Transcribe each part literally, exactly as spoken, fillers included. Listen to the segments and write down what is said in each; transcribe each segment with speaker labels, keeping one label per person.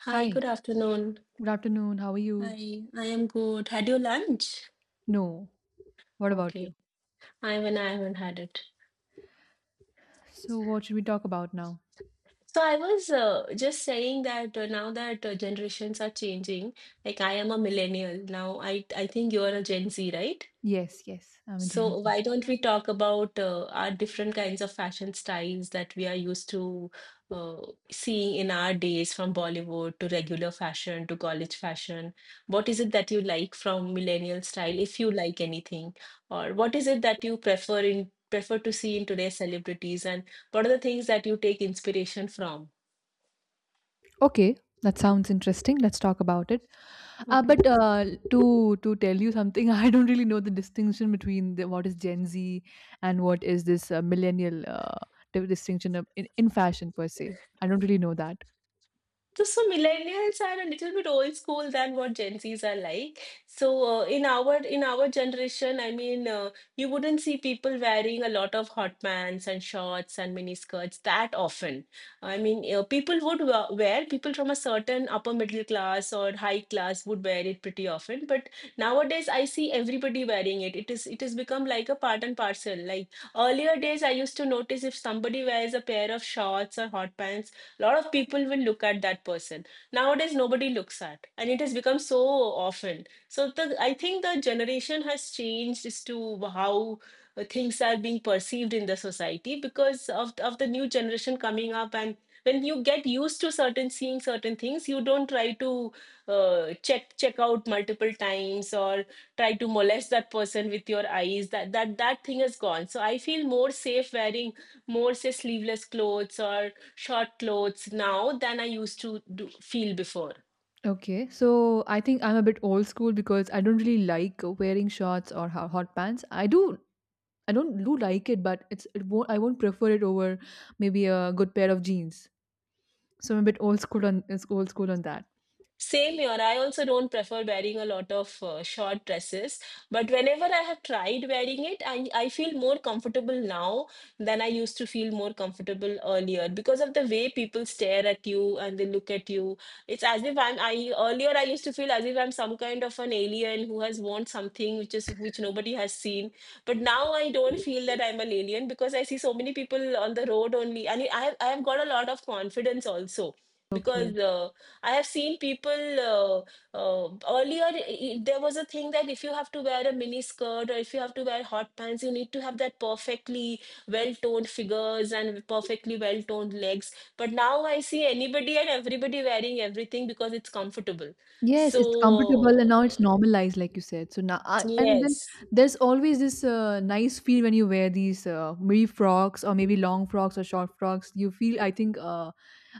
Speaker 1: Hi,
Speaker 2: Hi,
Speaker 1: good afternoon.
Speaker 2: good afternoon. How are you?
Speaker 1: Hi, I am good. Had your lunch?
Speaker 2: No. What about
Speaker 1: Okay,
Speaker 2: you?
Speaker 1: I mean, I haven't had it.
Speaker 2: So, what should we talk about now?
Speaker 1: So I was uh, just saying that uh, now that uh, generations are changing, like I am a millennial now. I I think you are a Gen Z, right?
Speaker 2: Yes, yes, I'm a Gen
Speaker 1: So
Speaker 2: Z.
Speaker 1: why don't we talk about uh, our different kinds of fashion styles that we are used to uh, seeing in our days, from Bollywood to regular fashion to college fashion? What is it that you like from millennial style, if you like anything, or what is it that you prefer in prefer to see in today's celebrities, and what are the things that you take inspiration from?
Speaker 2: Okay, that sounds interesting. Let's talk about it. Uh,
Speaker 1: Okay.
Speaker 2: but uh, to to tell you something, I don't really know the distinction between the, what is Gen Z and what is this uh, millennial uh, di- distinction of, in, in fashion per se. I don't really know that.
Speaker 1: So, so millennials are a little bit old school than what Gen Zs are like. So uh, in our in our generation, I mean, uh, you wouldn't see people wearing a lot of hot pants and shorts and mini skirts that often. I mean, uh, people would wa- wear people from a certain upper middle class or high class would wear it pretty often. But nowadays, I see everybody wearing it. It is it has become like a part and parcel. Like earlier days, I used to notice if somebody wears a pair of shorts or hot pants, a lot of people will look at that person. Nowadays nobody looks at, and it has become so often. So the I think the generation has changed as to how uh, things are being perceived in the society because of of the new generation coming up. And when you get used to certain seeing certain things, you don't try to uh, check check out multiple times or try to molest that person with your eyes. That that that thing is gone. So I feel more safe wearing more say sleeveless clothes or short clothes now than I used to do, feel before.
Speaker 2: Okay, so I think I'm a bit old school because I don't really like wearing shorts or ho- hot pants. I do, I don't do like it, but it's it won't, I won't prefer it over maybe a good pair of jeans. So I'm a bit old school on is old school on that.
Speaker 1: Same here. I also don't prefer wearing a lot of uh, short dresses, but whenever I have tried wearing it, I, I feel more comfortable now than I used to feel more comfortable earlier, because of the way people stare at you and they look at you. It's as if I'm I earlier I used to feel as if I'm some kind of an alien who has worn something which is which nobody has seen. But now I don't feel that I'm an alien, because I see so many people on the road only, and I have I have got a lot of confidence also
Speaker 2: Okay.
Speaker 1: because. Uh, I have seen people uh, uh, earlier. i- There was a thing that if you have to wear a mini skirt or if you have to wear hot pants, you need to have that perfectly well-toned figures and perfectly well-toned legs. But now I see anybody and everybody wearing everything because it's comfortable.
Speaker 2: Yes, it's comfortable and
Speaker 1: So,
Speaker 2: now it's normalized, like you said. So now, I, and then
Speaker 1: yes.
Speaker 2: there's always this uh, nice feel when you wear these uh, maybe frocks or maybe long frocks or short frocks. You feel, I think, uh,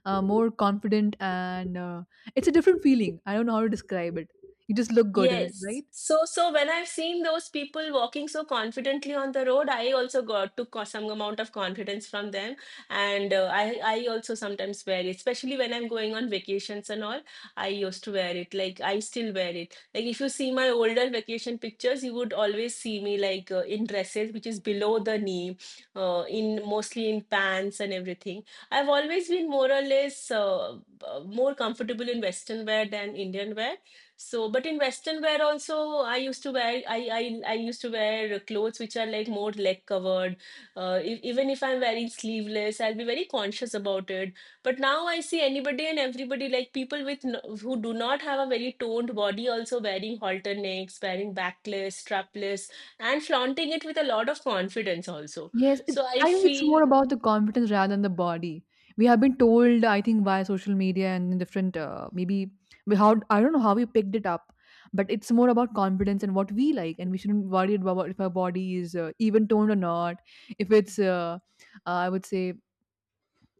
Speaker 2: uh, more confident, and uh, it's a different feeling. I don't know how to describe it. You just look good in it,
Speaker 1: Yes.
Speaker 2: right?
Speaker 1: So, so when I've seen those people walking so confidently on the road, I also got took co- some amount of confidence from them, and uh, I I also sometimes wear it, especially when I'm going on vacations and all. I used to wear it. Like I still wear it. Like if you see my older vacation pictures, you would always see me like uh, in dresses, which is below the knee, uh, in mostly in pants and everything. I've always been more or less uh, b- uh, more comfortable in Western wear than Indian wear. So, but in Western wear also, I used to wear I I I used to wear clothes which are like more leg covered. Uh, if, even if I'm wearing sleeveless, I'll be very conscious about it. But now I see anybody and everybody like people with n who do not have a very toned body also wearing halter necks, wearing backless, strapless, and flaunting it with a lot of confidence also.
Speaker 2: Yes, it,
Speaker 1: So I
Speaker 2: I think it's more
Speaker 1: feel.
Speaker 2: about the confidence rather than the body. We have been told, I think, via social media and different, uh, maybe we- how, I don't know how we picked it up. But it's more about confidence and what we like, and we shouldn't worry about if our body is uh, even toned or not, if it's uh, uh, I would say,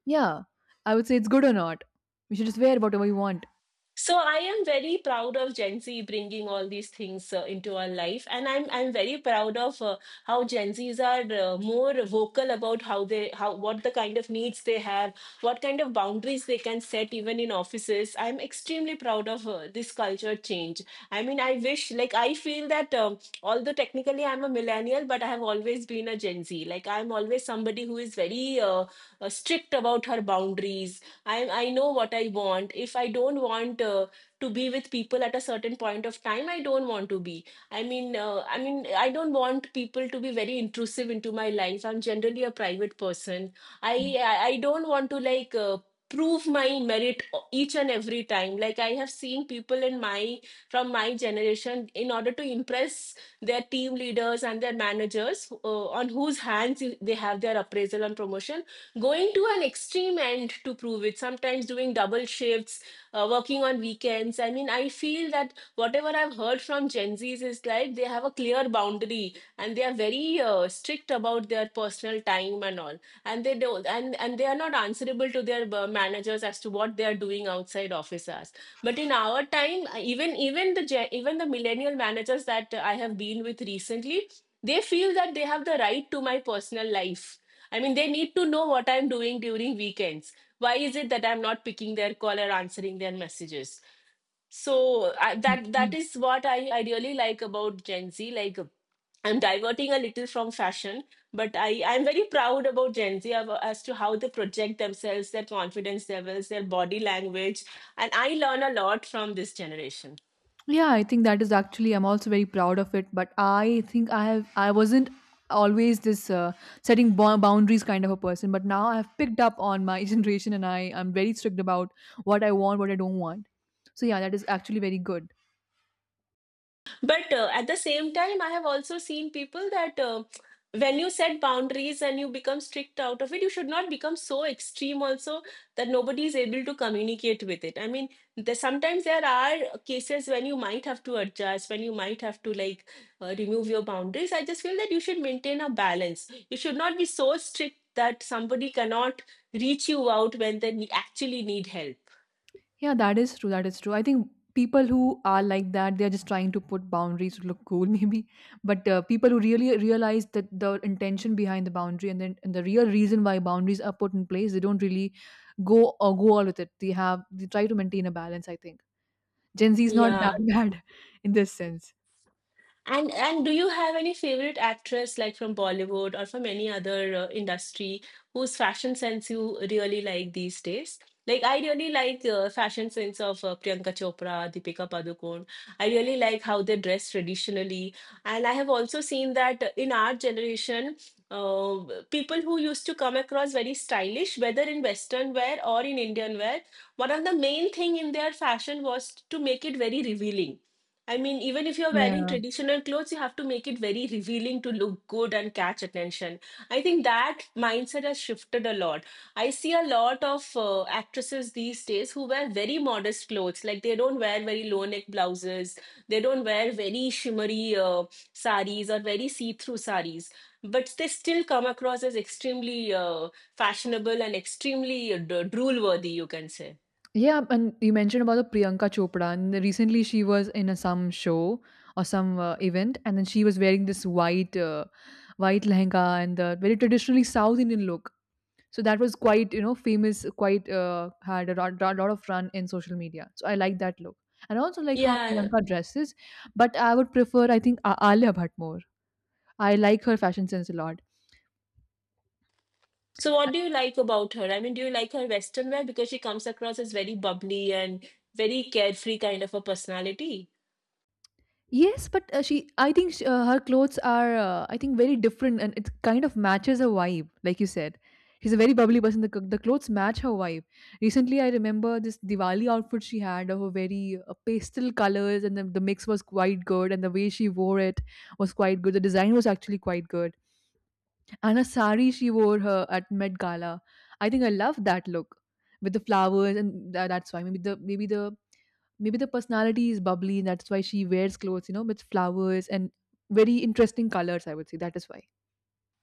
Speaker 2: yeah, I would say it's good or not. We should just wear whatever we want.
Speaker 1: So I am very proud of Gen Z bringing all these things uh, into our life, and I'm I'm very proud of uh, how Gen Zs are uh, more vocal about how they how what the kind of needs they have, what kind of boundaries they can set even in offices. I'm extremely proud of uh, this culture change. I mean, I wish, like I feel that um, although technically I'm a millennial, but I have always been a Gen Z. Like I'm always somebody who is very uh, uh, strict about her boundaries. I I know what I want. If I don't want uh, to be with people at a certain point of time, I don't want to be. I mean, uh, I mean, I don't want people to be very intrusive into my life. I'm generally a private person. I I I don't want to like. Uh, prove my merit o- each and every time. Like I have seen people in my from my generation, in order to impress their team leaders and their managers, uh, on whose hands they have their appraisal and promotion, going to an extreme end to prove it, sometimes doing double shifts, uh, working on weekends. I mean, I feel that whatever I've heard from Gen Z's is like they have a clear boundary and they are very uh, strict about their personal time and all, and they don't and and they are not answerable to their uh, managers as to what they are doing outside office hours. But in our time, uh, even even the gen- even the millennial managers that I have been with recently, they feel that they have the right to my personal life. I mean, they need to know what I'm doing during weekends. Why is it that I'm not picking their call or answering their messages? So I, that that is what I, I really like about Gen Z. Like I'm diverting a little from fashion, but I I'm very proud about Gen Z ab- as to how they project themselves, their confidence levels, their body language, and I learn a lot from this generation.
Speaker 2: Yeah, I think that is actually I'm also very proud of it. But I think I have I wasn't always this uh, setting bo- boundaries kind of a person, but now I've picked up on my generation, and I I'm very strict about what I want, what I don't want. So yeah, that is actually very good.
Speaker 1: But uh, at the same time, I have also seen people that uh, when you set boundaries and you become strict out of it, you should not become so extreme also that nobody is able to communicate with it. I mean, there, sometimes there are cases when you might have to adjust, when you might have to like uh, remove your boundaries. I just feel that you should maintain a balance. You should not be so strict that somebody cannot reach you out when they ne- actually need help.
Speaker 2: Yeah, that is true. That is true. I think people who are like that, they're just trying to put boundaries to look cool, maybe. But uh, people who really realize that the intention behind the boundary, and then and the real reason why boundaries are put in place, they don't really go or go all with it. They have they try to maintain a balance. I think Gen Z is not that
Speaker 1: Yeah.
Speaker 2: bad in this sense.
Speaker 1: And and do you have any favorite actress like from Bollywood or from any other uh, industry whose fashion sense you really like these days? Like I really like the fashion sense of uh, Priyanka Chopra, Deepika Padukone. I really like how they dress traditionally, and I have also seen that in our generation, uh, people who used to come across very stylish, whether in Western wear or in Indian wear, one of the main thing in their fashion was to make it very revealing. I mean, even if you're wearing
Speaker 2: Yeah.
Speaker 1: traditional clothes, you have to make it very revealing to look good and catch attention. I think that mindset has shifted a lot. I see a lot of uh, actresses these days who wear very modest clothes. Like they don't wear very low neck blouses, they don't wear very shimmery uh, saris or very see through saris. But they still come across as extremely uh, fashionable and extremely uh, drool worthy, you can say.
Speaker 2: Yeah, and you mentioned about the Priyanka Chopra, and recently she was in a, some show or some uh, event, and then she was wearing this white, uh, white lehenga and the very traditionally South Indian look. So that was quite, you know, famous. Quite uh, had a lot, lot lot of run in social media. So I like that look, and I also like how
Speaker 1: Yeah.
Speaker 2: Priyanka dresses. But I would prefer, I think, A- Alia Bhatt more. I like her fashion sense a lot.
Speaker 1: So, what do you like about her? I mean, do you like her Western wear because she comes across as very bubbly and very carefree kind of a personality?
Speaker 2: Yes, but uh, she, I think, sh uh, her clothes are, uh, I think, very different, and it kind of matches her vibe, like you said. She's a very bubbly person. The, c- the clothes match her vibe. Recently, I remember this Diwali outfit she had of a very uh, pastel colors, and the, the mix was quite good, and the way she wore it was quite good. The design was actually quite good, and a sari she wore her at Met Gala. I think I love that look with the flowers, and tha- that's why maybe the maybe the maybe the personality is bubbly, and that's why she wears clothes, you know, with flowers and very interesting colors. I would say that is why.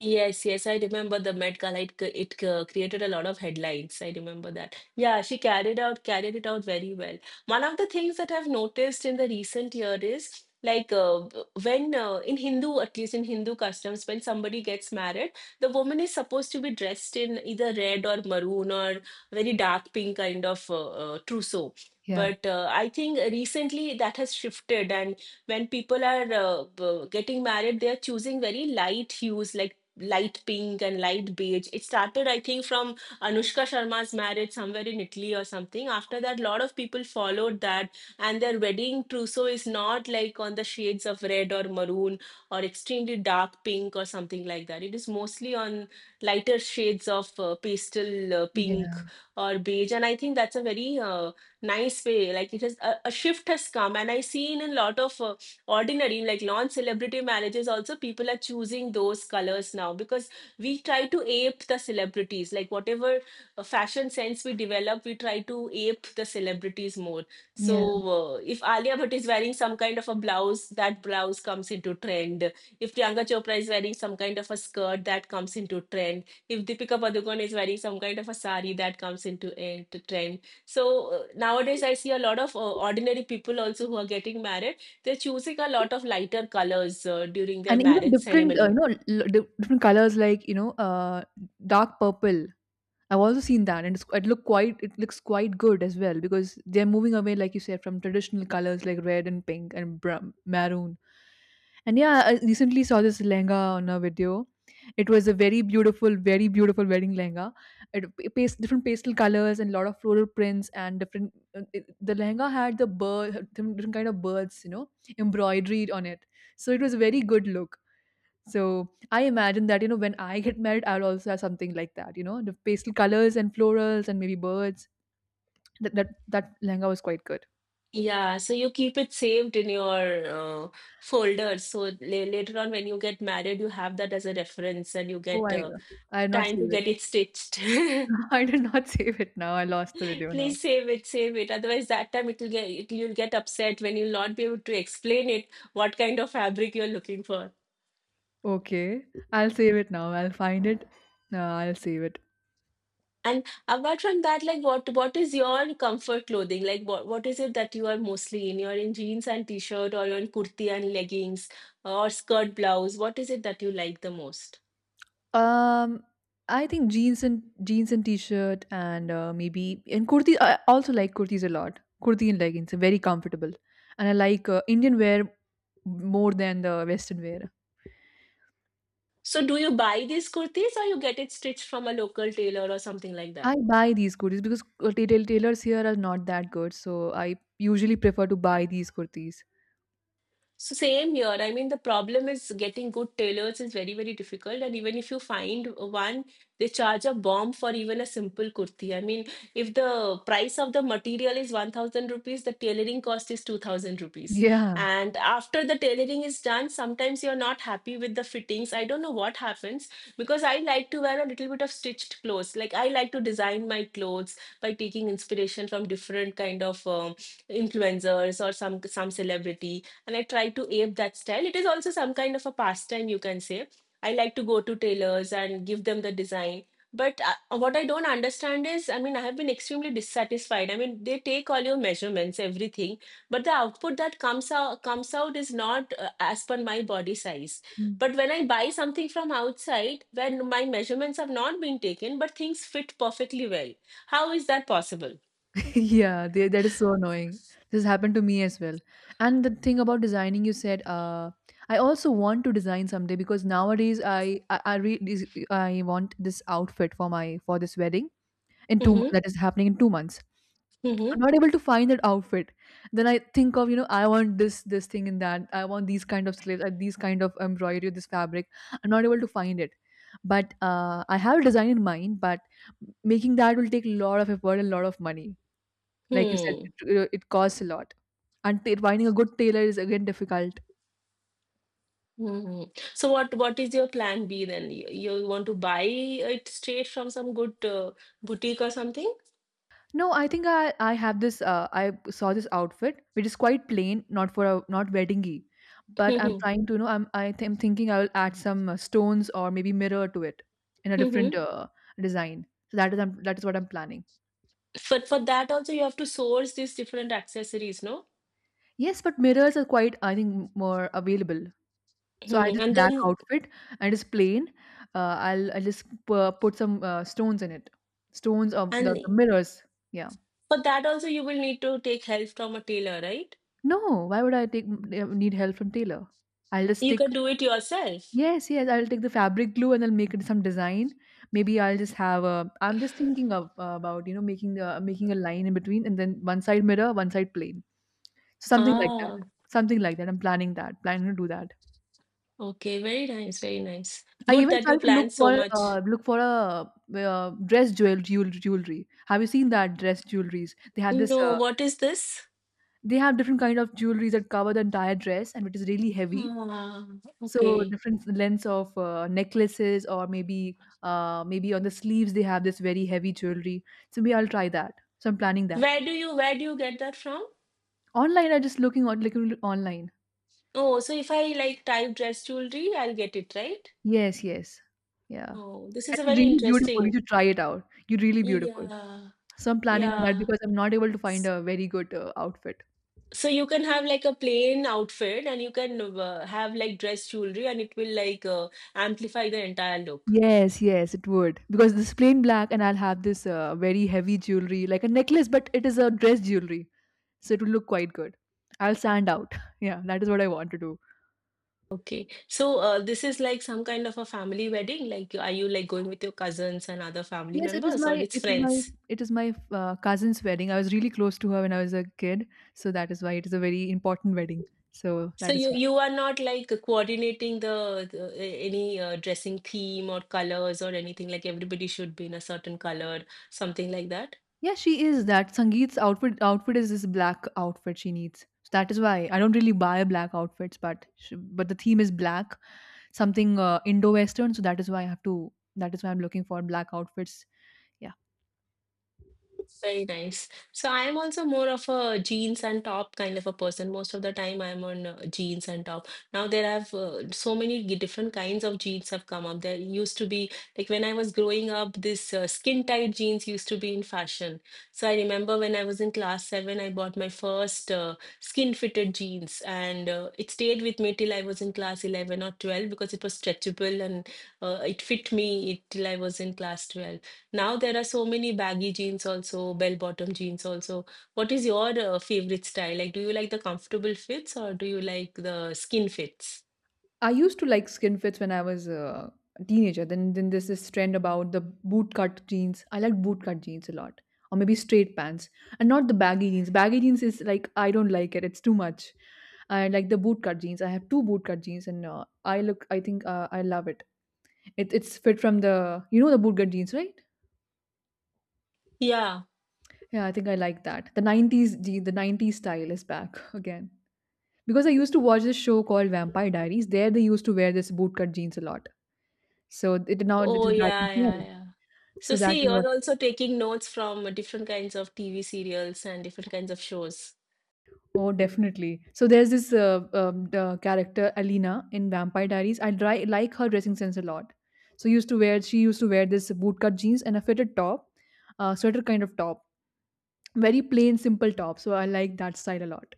Speaker 1: Yes, yes, I remember the Met Gala. It, c- it c- created a lot of headlines. I remember that. Yeah, she carried out carried it out very well. One of the things that I've noticed in the recent year is like uh, when uh, in Hindu, at least in Hindu customs, when somebody gets married, the woman is supposed to be dressed in either red or maroon or very dark pink kind of uh, uh, trousseau.
Speaker 2: Yeah,
Speaker 1: But uh, I think recently that has shifted, and when people are uh, b- getting married, they are choosing very light hues like light pink and light beige. It started, I think, from Anushka Sharma's marriage somewhere in Italy or something. After that, a lot of people followed that, and their wedding trousseau is not like on the shades of red or maroon or extremely dark pink or something like that. It is mostly on lighter shades of uh, pastel uh,
Speaker 2: yeah,
Speaker 1: pink or beige, and I think that's a very uh, nice way. Like it has a, a shift has come, and I see in a lot of uh, ordinary like non celebrity marriages also people are choosing those colors now because we try to ape the celebrities like whatever uh, fashion sense we develop we try to ape the celebrities more
Speaker 2: yeah.
Speaker 1: so uh, if Alia Bhatt is wearing some kind of a blouse that blouse comes into trend if Priyanka Chopra is wearing some kind of a skirt that comes into trend if Deepika Padukone is wearing some kind of a sari that comes into, into trend so uh, nowadays I see a lot of uh, ordinary people also who are getting married they're choosing a lot of lighter colors uh, during their
Speaker 2: And even
Speaker 1: marriage
Speaker 2: different, uh, you
Speaker 1: ceremony.
Speaker 2: know, l- di- different colors like you know, uh, dark purple. I've also seen that, and it's, it look quite it looks quite good as well because they're moving away, like you said, from traditional colors like red and pink and br- maroon. And yeah, I recently saw this lehenga on a video. It was a very beautiful, very beautiful wedding lehenga. It p- pas- different pastel colors and a lot of floral prints and different. uh, It, the lehenga had the bird, different different kind of birds, you know, embroidered on it. So it was a very good look, so I imagine that, you know, when I get married, I'll also have something like that, you know, the pastel colors and florals and maybe birds. That that, that lehenga was quite good.
Speaker 1: Yeah, so you keep it saved in your uh, folder. So la- later on, when you get married, you have that as a reference and you
Speaker 2: Oh,
Speaker 1: get
Speaker 2: I
Speaker 1: uh,
Speaker 2: I did not
Speaker 1: time to
Speaker 2: save it.
Speaker 1: get it stitched.
Speaker 2: I did not save it now. I lost the video now.
Speaker 1: Please save it, save it. Otherwise, that time it'll get, it, you'll get upset when you'll not be able to explain it, what kind of fabric you're looking for.
Speaker 2: Okay, I'll save it now. I'll find it. Uh, I'll save it.
Speaker 1: And apart from that, like what what is your comfort clothing? Like what what is it that you are mostly in? You're in jeans and t-shirt or you're in kurti and leggings or skirt blouse. What is it that you like the most?
Speaker 2: Um, I think jeans and jeans and t-shirt and uh, maybe and kurti. I also like kurtis a lot. Kurti and leggings are very comfortable, and I like uh, Indian wear more than the Western wear.
Speaker 1: So do you buy these kurtis or you get it stitched from a local tailor or something like
Speaker 2: I
Speaker 1: that?
Speaker 2: buy these kurtis because uh, tail- tailors here are not that good, so I usually prefer to buy these kurtis.
Speaker 1: So same here. I mean, the problem is getting good tailors is very, very difficult. And even if you find one, they charge a bomb for even a simple kurti. I mean, if the price of the material is one thousand rupees, the tailoring cost is two thousand rupees.
Speaker 2: Yeah.
Speaker 1: And after the tailoring is done, sometimes you're not happy with the fittings. I don't know what happens because I like to wear a little bit of stitched clothes. Like I like to design my clothes by taking inspiration from different kind of um influencers or some some celebrity and I try to ape that style. It is also some kind of a pastime, you can say. I like to go to tailors and give them the design. But uh, what I don't understand is, I mean, I have been extremely dissatisfied. I mean, they take all your measurements, everything, but the output that comes out comes out is not uh, as per my body size.
Speaker 2: Mm.
Speaker 1: But when I buy something from outside, when my measurements have not been taken, but things fit perfectly well, how is that possible?
Speaker 2: Yeah, they, that is so annoying. This happened to me as well. And the thing about designing, you said, uh, I also want to design someday because nowadays I I, I, re- this- I want this outfit for my for this wedding in two m-
Speaker 1: Mm-hmm.
Speaker 2: that is happening in two months. I'm
Speaker 1: Mm-hmm.
Speaker 2: not able to find that outfit. Then I think of, you know, I want this, this thing and that. I want these kind of slaves, uh, these kind of embroidery, this fabric. I'm not able to find it. But uh, I have a design in mind, but making that will take a lot of effort and a lot of money. Like you said,
Speaker 1: Hmm.
Speaker 2: it, uh, it costs a lot. And t- finding a good tailor is again difficult.
Speaker 1: Hmm. So what what is your plan B then? You, you want to buy it straight from some good uh, boutique or something?
Speaker 2: No, I think I I have this uh, I saw this outfit which is quite plain, not for a not weddingy, but I'm
Speaker 1: Hmm.
Speaker 2: trying to you know I'm I th- am thinking I'll add some uh, stones or maybe mirror to it in a different
Speaker 1: Hmm.
Speaker 2: uh, design. So that is I'm, that is what I'm planning.
Speaker 1: But for that also you have to source these different accessories, no?
Speaker 2: Yes, but mirrors are quite, I think, more available. So I have
Speaker 1: Hmm.
Speaker 2: this
Speaker 1: And
Speaker 2: black
Speaker 1: then
Speaker 2: outfit and it's plain. Uh, I'll I'll just uh, put some uh, stones in it, stones of the,
Speaker 1: and
Speaker 2: the mirrors. Yeah.
Speaker 1: for that also you will need to take help from a tailor, right?
Speaker 2: No, why would I take need help from tailor? I'll just
Speaker 1: You
Speaker 2: stick.
Speaker 1: can do it yourself.
Speaker 2: Yes, yes, I'll take the fabric glue, and I'll make it some design. Maybe I'll just have a I'm just thinking of uh, about, you know, making a making a line in between, and then one side mirror, one side plain. Something like that.
Speaker 1: Ah,
Speaker 2: Something like that. I'm planning that. Planning to do that.
Speaker 1: okay, very nice, very nice.
Speaker 2: I
Speaker 1: Good
Speaker 2: even
Speaker 1: that you
Speaker 2: tried to look
Speaker 1: plan so
Speaker 2: for
Speaker 1: much.
Speaker 2: uh, look for a uh, dress jewel jewel jewelry. Have you seen that dress jewelries? They have this
Speaker 1: No,
Speaker 2: uh,
Speaker 1: what is this?
Speaker 2: they have different kind of jewelries that cover the entire dress, and it is really heavy.
Speaker 1: Ah,
Speaker 2: So
Speaker 1: okay.
Speaker 2: different lengths of uh, necklaces, or maybe uh, maybe on the sleeves they have this very heavy jewelry. So maybe I'll try that. So I'm planning that.
Speaker 1: Where do you where do you get that from?
Speaker 2: Online, I'm just looking on looking online.
Speaker 1: Oh, so if I like type dress jewelry, I'll get it, right?
Speaker 2: Yes, yes, yeah.
Speaker 1: Oh, this is
Speaker 2: And
Speaker 1: a
Speaker 2: it's
Speaker 1: very
Speaker 2: really beautiful. You
Speaker 1: interesting.
Speaker 2: should try it out. You're really beautiful.
Speaker 1: Yeah,
Speaker 2: So I'm planning on that
Speaker 1: yeah.
Speaker 2: because I'm not able to find
Speaker 1: S-
Speaker 2: a very good uh, outfit.
Speaker 1: So you can have like a plain outfit and you can uh, have like dress jewelry and it will like uh, amplify the entire look.
Speaker 2: Yes, yes, it would. Because this plain black, and I'll have this uh, very heavy jewelry, like a necklace, but it is a dress jewelry. So it will look quite good. I'll stand out. Yeah, that is what I want to do.
Speaker 1: Okay. So uh, this is like some kind of a family wedding. Like, are you like going with your cousins and other family
Speaker 2: Yes, it is
Speaker 1: members or
Speaker 2: my
Speaker 1: it's
Speaker 2: it is my
Speaker 1: friends?
Speaker 2: it is my uh, cousin's wedding. I was really close to her when I was a kid, so that is why it is a very important wedding. So
Speaker 1: So
Speaker 2: that is
Speaker 1: you
Speaker 2: why.
Speaker 1: you are not like coordinating the, the a- any uh, dressing theme or colors or anything like everybody should be in a certain color, something like that.
Speaker 2: Yeah, she is that Sangeet's outfit outfit is this black outfit she needs. So that is why I don't really buy black outfits, but sh but the theme is black, something uh, Indo-Western. So that is why I have to. That is why I'm looking for black outfits. Yeah.
Speaker 1: Very nice. So I am also more of a jeans and top kind of a person. Most of the time I'm on uh, jeans and top. Now there have uh, so many g- different kinds of jeans have come up. There used to be like when I was growing up, this uh, skin tight jeans used to be in fashion. So I remember when I was in class seven, I bought my first uh, skin fitted jeans, and uh, it stayed with me till I was in class eleven or twelve because it was stretchable and uh, it fit me till I was in class twelve. Now there are so many baggy jeans also, bell-bottom jeans also. What is your uh, favorite style? Like, do you like the comfortable fits or do you like the skin fits?
Speaker 2: I used to like skin fits when I was uh, a teenager. Then then there's this trend about the boot cut jeans. I like boot cut jeans a lot. Or maybe straight pants. And not the baggy jeans. Baggy jeans is like I don't like it. It's too much. I like the boot cut jeans. I have two boot cut jeans, and uh, I look I think uh, I love it. it. It's fit from the you know the boot cut jeans, right?
Speaker 1: Yeah.
Speaker 2: Yeah, I think I like that. The nineties jean, the nineties style is back again. Because I used to watch this show called Vampire Diaries. There they used to wear this bootcut jeans a lot. So it now it
Speaker 1: Oh,
Speaker 2: is back in
Speaker 1: yeah, yeah,
Speaker 2: trend.
Speaker 1: yeah. So
Speaker 2: So that
Speaker 1: see,
Speaker 2: is what.
Speaker 1: you're also taking notes from different kinds of T V serials and different kinds of shows.
Speaker 2: Oh, definitely. So there's this uh, um, the character Alina in Vampire Diaries. I dri- like her dressing sense a lot. So used to wear she used to wear this bootcut jeans and a fitted top, uh, sweater kind of top, very plain simple top. So I like that style a lot.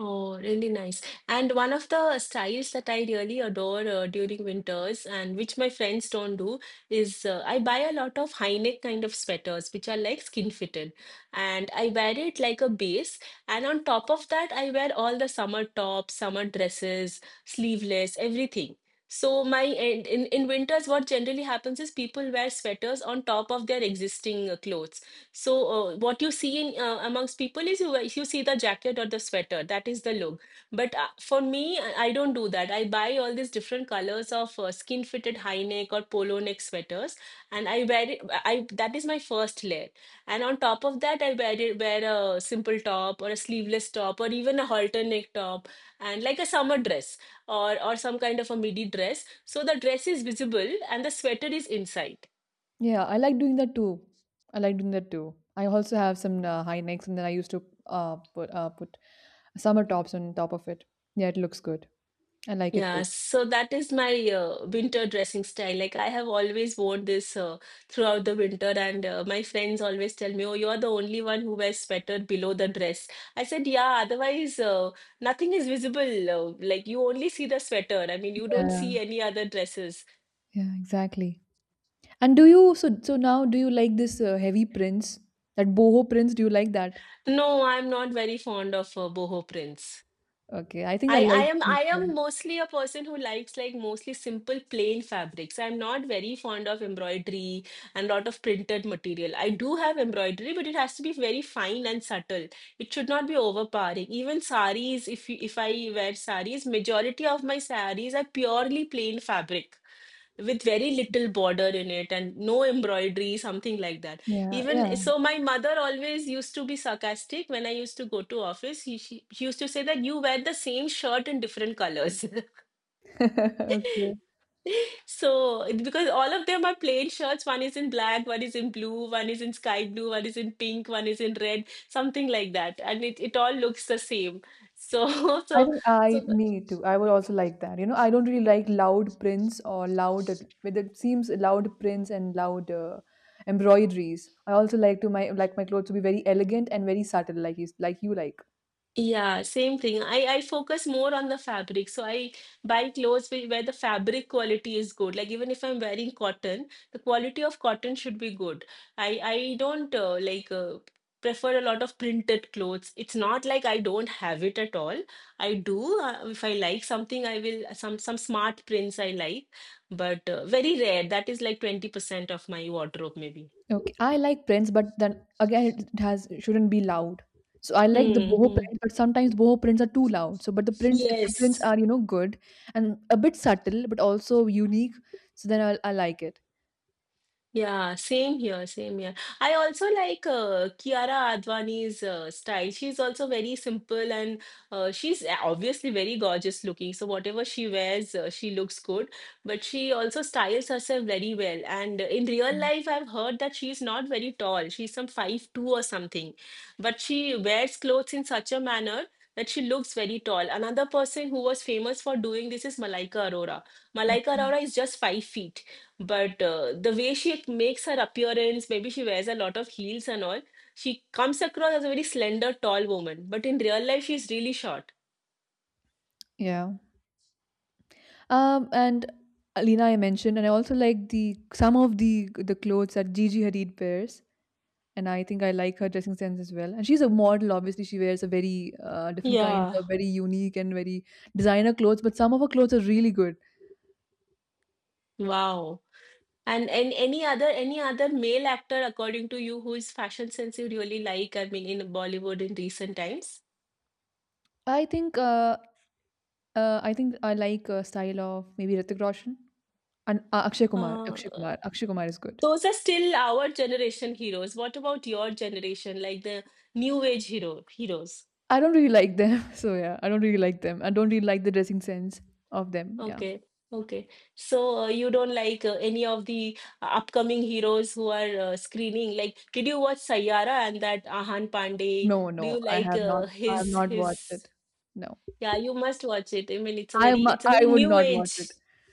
Speaker 1: Oh, really nice. And one of the styles that I really adore uh, during winters and which my friends don't do is uh, I buy a lot of high neck kind of sweaters, which are like skin fitted. And I wear it like a base. And on top of that, I wear all the summer tops, summer dresses, sleeveless, everything. So my in, in in winters, what generally happens is people wear sweaters on top of their existing uh, clothes. So, uh, what you see in uh, amongst people is you, you see the jacket or the sweater. That is the look. But uh, for me, I I don't do that. I buy all these different colors of uh, skin fitted high neck or polo neck sweaters, and I wear it. I That is my first layer. And on top of that, I wear it, wear a simple top or a sleeveless top or even a halter neck top and like a summer dress or or some kind of a midi dress. So the dress is visible and the sweater is inside.
Speaker 2: Yeah, I like doing that too. I like doing that too. I also have some uh, high necks, and then I used to uh, put uh, put summer tops on top of it. Yeah, it looks good. I like it
Speaker 1: Yeah,
Speaker 2: too.
Speaker 1: so that is my uh, winter dressing style. Like I have always worn this uh, throughout the winter, and uh, my friends always tell me, "Oh, you're the only one who wears sweater below the dress." I said, "Yeah, otherwise uh, nothing is visible. Uh, like you only see the sweater. I mean, you don't
Speaker 2: Yeah,
Speaker 1: see any other dresses."
Speaker 2: yeah, exactly. And do you so so now do you like this uh, heavy prints? That boho prints, do you like that?
Speaker 1: No, I'm not very fond of uh, boho prints.
Speaker 2: Okay, I think I
Speaker 1: I,
Speaker 2: like
Speaker 1: I am
Speaker 2: these
Speaker 1: I am
Speaker 2: prints.
Speaker 1: mostly a person who likes like mostly simple plain fabrics. I'm not very fond of embroidery and lot of printed material. I do have embroidery, but it has to be very fine and subtle. It should not be overpowering. Even saris, if you, if I wear saris, majority of my saris are purely plain fabric with very little border in it and no embroidery, something like that.
Speaker 2: Yeah, yeah.
Speaker 1: Even so, my mother always used to be sarcastic when I used to go to office. She, she, she used to say that you wear the same shirt in different colors.
Speaker 2: Okay.
Speaker 1: So, it- because all of them are plain shirts, one is in black, one is in blue, one is in sky blue, one is in pink, one is in red, something like that. And it, it all looks the same. So,
Speaker 2: I
Speaker 1: so,
Speaker 2: think
Speaker 1: so
Speaker 2: I Me too. I would also like that. You know, I don't really like loud prints or loud with it seems loud prints and loud uh, embroideries. I also like to my like my clothes to be very elegant and very subtle, like you like, you like.
Speaker 1: Yeah, same thing. I I focus more on the fabric. So I buy clothes where where the fabric quality is good. Like even if I'm wearing cotton, the quality of cotton should be good. I I don't uh, like uh, prefer a lot of printed clothes. It's not like I don't have it at all. I do. Uh, if I like something, I will some some smart prints I like, but uh, very rare. That is like twenty percent of my wardrobe maybe.
Speaker 2: Okay, I like prints, but then again, it it has it shouldn't be loud. So I like the
Speaker 1: Hmm.
Speaker 2: boho
Speaker 1: Hmm.
Speaker 2: print, but sometimes boho prints are too loud. So, but the prints, if the prints
Speaker 1: Yes.
Speaker 2: are you know good and a bit subtle, but also unique, so then I I like it.
Speaker 1: Yeah, same here, same here. I also like uh, Kiara Advani's uh, style. She's also very simple and uh, she's a- obviously very gorgeous looking. So whatever she wears, uh, she looks good. But she also styles herself very well. And in real life, I've heard that she's not very tall. She's some five two or something. But she wears clothes in such a manner that she looks very tall. Another person who was famous for doing this is Malaika Arora. Malaika
Speaker 2: Mm.
Speaker 1: Arora is just five feet. But uh, the way she makes her appearance, maybe she wears a lot of heels and all, she comes across as a very slender, tall woman. But in real life, she's really short.
Speaker 2: Yeah. Um, and Alina, I mentioned, and I also like the some of the the clothes that Gigi Hadid wears, and I think I like her dressing sense as well. And she's a model, obviously. She wears a very uh, different kinds
Speaker 1: Yeah.
Speaker 2: of very unique and very designer clothes, but some of her clothes are really good.
Speaker 1: Wow. And and any other any other male actor, according to you, whose fashion sense you really like? I mean, in Bollywood in recent times,
Speaker 2: I think uh, Uh, I think I like a style of maybe Hrithik Roshan and uh, Akshay Kumar. Akshay
Speaker 1: uh,
Speaker 2: Kumar. Akshay Kumar is good.
Speaker 1: those are still our generation heroes. What about your generation, like the new age hero heroes?
Speaker 2: I don't really like them. So yeah, I don't really like them. I don't really like the dressing sense of them. Yeah.
Speaker 1: Okay, okay. So uh, you don't like uh, any of the uh, upcoming heroes who are uh, screening. Like, did you watch Sayyara and that Ahan Pandey?
Speaker 2: No,
Speaker 1: Do
Speaker 2: no,
Speaker 1: you
Speaker 2: I
Speaker 1: like
Speaker 2: have not.
Speaker 1: uh,
Speaker 2: I have
Speaker 1: his
Speaker 2: not watched
Speaker 1: his?
Speaker 2: it. No,
Speaker 1: Yeah, you must watch it. I mean, it's a
Speaker 2: I
Speaker 1: very
Speaker 2: mu-
Speaker 1: it's a
Speaker 2: I
Speaker 1: very
Speaker 2: would
Speaker 1: new
Speaker 2: not watch it.
Speaker 1: age.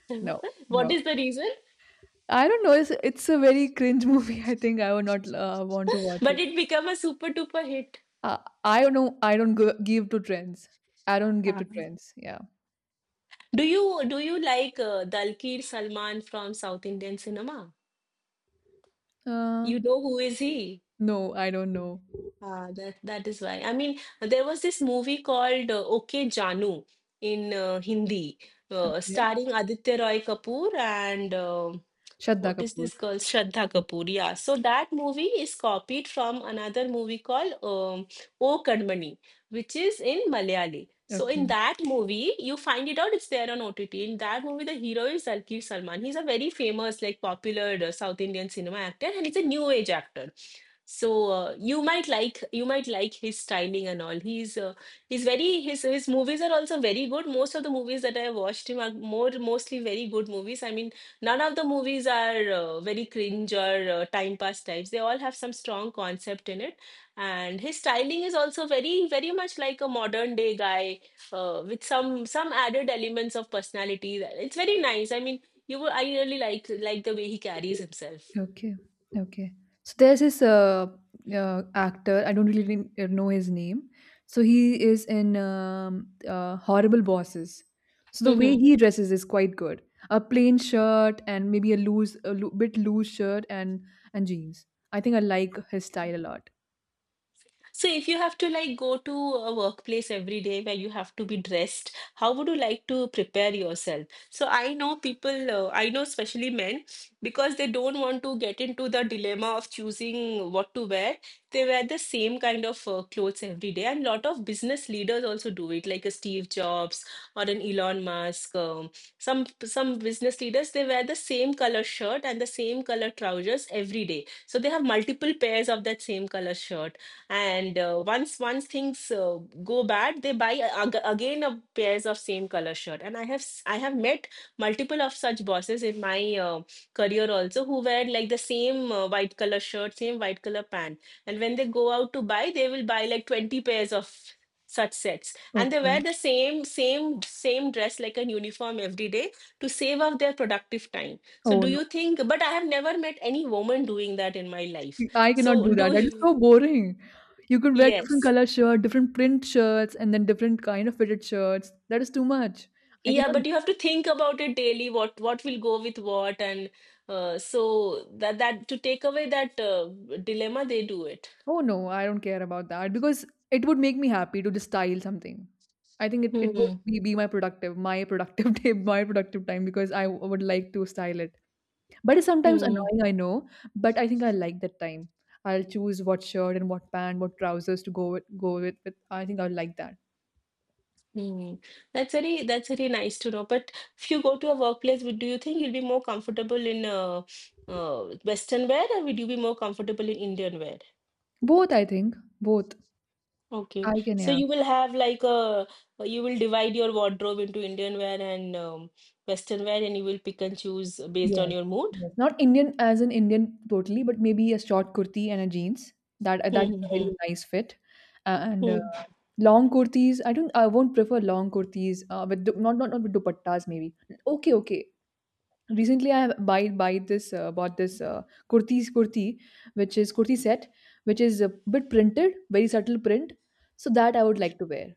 Speaker 2: No,
Speaker 1: What
Speaker 2: no.
Speaker 1: is the reason?
Speaker 2: I don't know. It's it's a very cringe movie. I think I would not uh, want to watch
Speaker 1: But
Speaker 2: it.
Speaker 1: it became a super duper hit.
Speaker 2: Uh, I don't know. I don't go, give to trends. I don't give to
Speaker 1: Ah.
Speaker 2: trends. Yeah.
Speaker 1: Do you do you like uh, Dalkir Salman from South Indian cinema?
Speaker 2: Uh,
Speaker 1: You know who is he?
Speaker 2: no, I don't know.
Speaker 1: Ah, that that is why. I mean, there was this movie called uh, OK Janu in uh, Hindi, uh,
Speaker 2: Okay.
Speaker 1: starring Aditya Roy Kapoor and uh,
Speaker 2: Shraddha
Speaker 1: what is
Speaker 2: Kapoor.
Speaker 1: this girl? Shraddha
Speaker 2: Sure.
Speaker 1: Kapoor. Yeah. So that movie is copied from another movie called um, O Kadmani, which is in Malayali. So
Speaker 2: Okay,
Speaker 1: in that movie, you find it out. It's there on O T T. In that movie, the hero is Zalki Salman. He's a very famous, like popular uh, South Indian cinema actor, and he's a new age actor. So uh, you might like you might like his styling and all. He's uh, he's very his his movies are also very good. Most of the movies that I watched him are more mostly very good movies. I mean. None of the movies are uh, very cringe or uh, time pass types. They all have some strong concept in it. And his styling is also very, very much like a modern day guy uh, with some some added elements of personality. It's very nice. I mean, you will, I really like like the way he carries himself.
Speaker 2: okay, okay. So there's this uh, uh actor. I don't really n- uh, know his name. So he is in um, uh, Horrible Bosses. So the way he dresses is quite good. A plain shirt and maybe a loose, a loo- bit loose shirt and and jeans. I think I like his style a lot.
Speaker 1: So if you have to like go to a workplace every day where you have to be dressed, how would you like to prepare yourself? So I know people, uh, I know especially men, because they don't want to get into the dilemma of choosing what to wear. They wear the same kind of uh, clothes every day, and lot of business leaders also do it, like a Steve Jobs or an Elon Musk. Um, some some business leaders they wear the same color shirt and the same color trousers every day. So they have multiple pairs of that same color shirt and uh, once once things uh, go bad, they buy a- ag- again a pairs of same color shirt. And i have s- I have met multiple of such bosses in my uh, career also, who wear like the same uh, white color shirt, same white color pant, and when they go out to buy, they will buy like twenty pairs of such sets, and they wear
Speaker 2: Okay.
Speaker 1: the same same same dress like a uniform every day to save up their productive time. So
Speaker 2: Oh
Speaker 1: do
Speaker 2: no,
Speaker 1: you think, but I have never met any woman doing that in my life.
Speaker 2: I
Speaker 1: So
Speaker 2: cannot do that.
Speaker 1: do
Speaker 2: That is
Speaker 1: you
Speaker 2: so boring. You can wear different
Speaker 1: yes.
Speaker 2: color shirt, different print shirts, and then different kind of fitted shirts. That is too much. I
Speaker 1: Yeah,
Speaker 2: cannot.
Speaker 1: but you have to think about it daily, what what will go with what, and uh, so that that to take away that uh, dilemma, they do it.
Speaker 2: Oh no, I don't care about that because it would make me happy to just style something. I think it, it would
Speaker 1: Hmm.
Speaker 2: be, be my productive, my productive day, my productive time because I w- would like to style it. But it's sometimes
Speaker 1: Hmm.
Speaker 2: annoying, I know, but I think I like that time. I'll choose what shirt and what pant, what trousers to go with go with, with I think I'll like that.
Speaker 1: Hmm. That's very that's very nice to know. But if you go to a workplace, would do you think you'll be more comfortable in uh, uh, Western wear, or would you be more comfortable in Indian wear?
Speaker 2: Both, I think. Both.
Speaker 1: Okay,
Speaker 2: I can,
Speaker 1: so
Speaker 2: yeah.
Speaker 1: you will have like a you will divide your wardrobe into Indian wear and um, Western wear, and you will pick and choose based on
Speaker 2: Yes,
Speaker 1: your mood.
Speaker 2: yes. Not Indian as an Indian totally, but maybe a short kurti and a jeans. That that is
Speaker 1: Hmm.
Speaker 2: a
Speaker 1: Hmm.
Speaker 2: very nice fit. And uh,
Speaker 1: Hmm.
Speaker 2: long kurtis, I don't I won't prefer long kurtis uh, with du- not not not with dupattas maybe. Okay, okay. Recently I have buy buy this uh, bought this uh, kurtis kurti, which is kurti set, which is a bit printed, very subtle print. So that I would like to wear.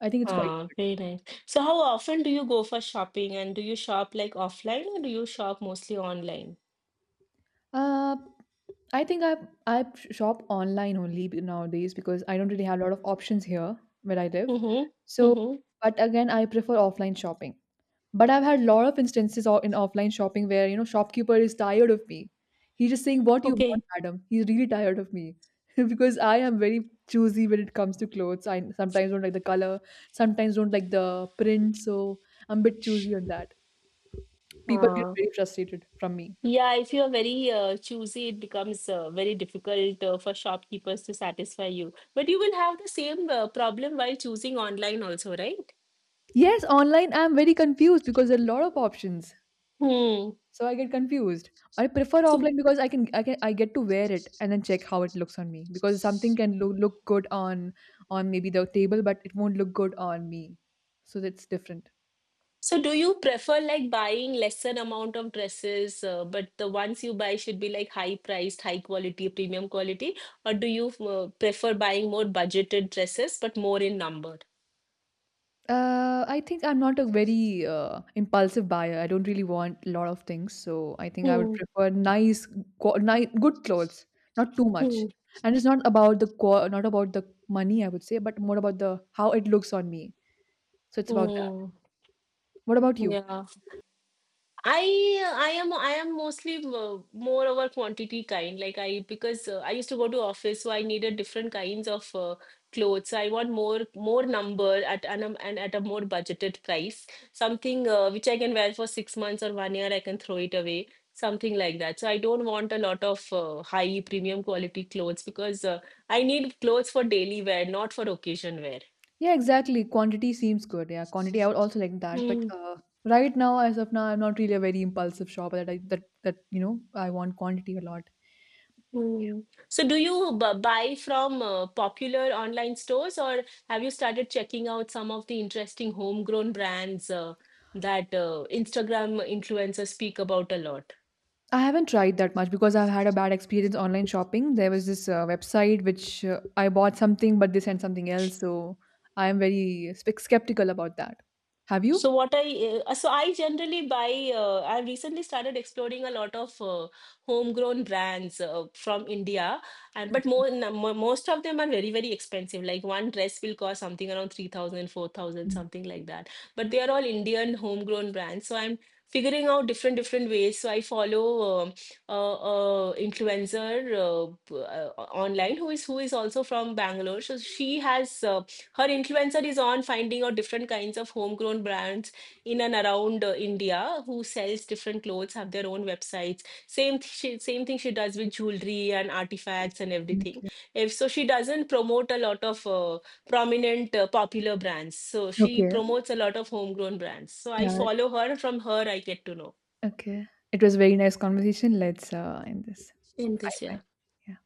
Speaker 2: I think it's quite
Speaker 1: Ah,
Speaker 2: good.
Speaker 1: very nice. So how often do you go for shopping, and do you shop like offline or do you shop mostly online?
Speaker 2: Uh, I think I I shop online only b- nowadays because I don't really have a lot of options here where I live.
Speaker 1: Mm-hmm.
Speaker 2: So,
Speaker 1: Mm-hmm.
Speaker 2: but again, I prefer offline shopping. But I've had a lot of instances o- in offline shopping where you know shopkeeper is tired of me. He's just saying what you want,
Speaker 1: Okay.
Speaker 2: madam. He's really tired of me because I am very choosy when it comes to clothes. I sometimes don't like the color, sometimes don't like the print, so I'm a bit choosy on that. People get
Speaker 1: Uh,
Speaker 2: very frustrated from me.
Speaker 1: yeah, if you're very uh, choosy, it becomes uh, very difficult uh, for shopkeepers to satisfy you. But you will have the same uh, problem while choosing online also, right?
Speaker 2: Yes, online I'm very confused because there are a lot of options.
Speaker 1: Hmm.
Speaker 2: So I get confused. I prefer
Speaker 1: So.
Speaker 2: offline because I can I can I get to wear it and then check how it looks on me because something can look look good on on maybe the table but it won't look good on me. So that's different.
Speaker 1: So do you prefer like buying lesser amount of dresses, uh, but the ones you buy should be like high priced, high quality, premium quality, or do you uh, prefer buying more budgeted dresses but more in number?
Speaker 2: Uh, I think I'm not a very uh, impulsive buyer. I don't really want a lot of things, so I think I would
Speaker 1: Hmm.
Speaker 2: prefer nice, qu- nice, good clothes, not too much.
Speaker 1: Hmm.
Speaker 2: And it's not about the qua not about the money, I would say, but more about the how it looks on me. So it's about that.
Speaker 1: Mm.
Speaker 2: What about you?
Speaker 1: Yeah. I uh, I am I am mostly uh, more of a quantity kind. Like I, because uh, I used to go to office, so I needed different kinds of uh, clothes. I want more more number at an um, and at a more budgeted price. Something uh, which I can wear for six months or one year, I can throw it away. Something like that. So I don't want a lot of uh, high premium quality clothes, because uh, I need clothes for daily wear, not for occasion wear.
Speaker 2: Yeah, exactly. Quantity seems good. Yeah, quantity. I would also like that. But uh, right now, as of now, I'm not really a very impulsive shopper. That I, that that you know, I want quantity a lot.
Speaker 1: Hmm. So, do you bu- buy from uh, popular online stores, or have you started checking out some of the interesting homegrown brands uh, that uh, Instagram influencers speak about a lot?
Speaker 2: I haven't tried that much because I've had a bad experience online shopping. There was this uh, website which uh, I bought something, but they sent something else. So I am very spec- skeptical about that. Have you?
Speaker 1: So what I uh, so I generally buy. Uh, I've recently started exploring a lot of uh, homegrown brands uh, from India, and but more, n- mo- most of them are very very expensive. Like one dress will cost something around three thousand, four thousand,
Speaker 2: Mm.
Speaker 1: something like that. But they are all Indian homegrown brands. So I'm figuring out different different ways. So I follow um a, a influencer uh, p- uh, online, who is who is also from Bangalore. So she has. Uh, her influencer is on finding out different kinds of homegrown brands in and around uh, India, who sells different clothes, have their own websites. Same th- she, same thing she does with jewelry and artifacts and everything. If so, she doesn't promote a lot of uh, prominent uh, popular brands. So
Speaker 2: Okay.
Speaker 1: she
Speaker 2: Okay.
Speaker 1: promotes a lot of homegrown brands. So I
Speaker 2: Yeah.
Speaker 1: follow her. From her, I get to know.
Speaker 2: Okay. It was a very nice conversation. Let's uh, end this.
Speaker 1: In this,
Speaker 2: Bye.
Speaker 1: yeah.
Speaker 2: Bye.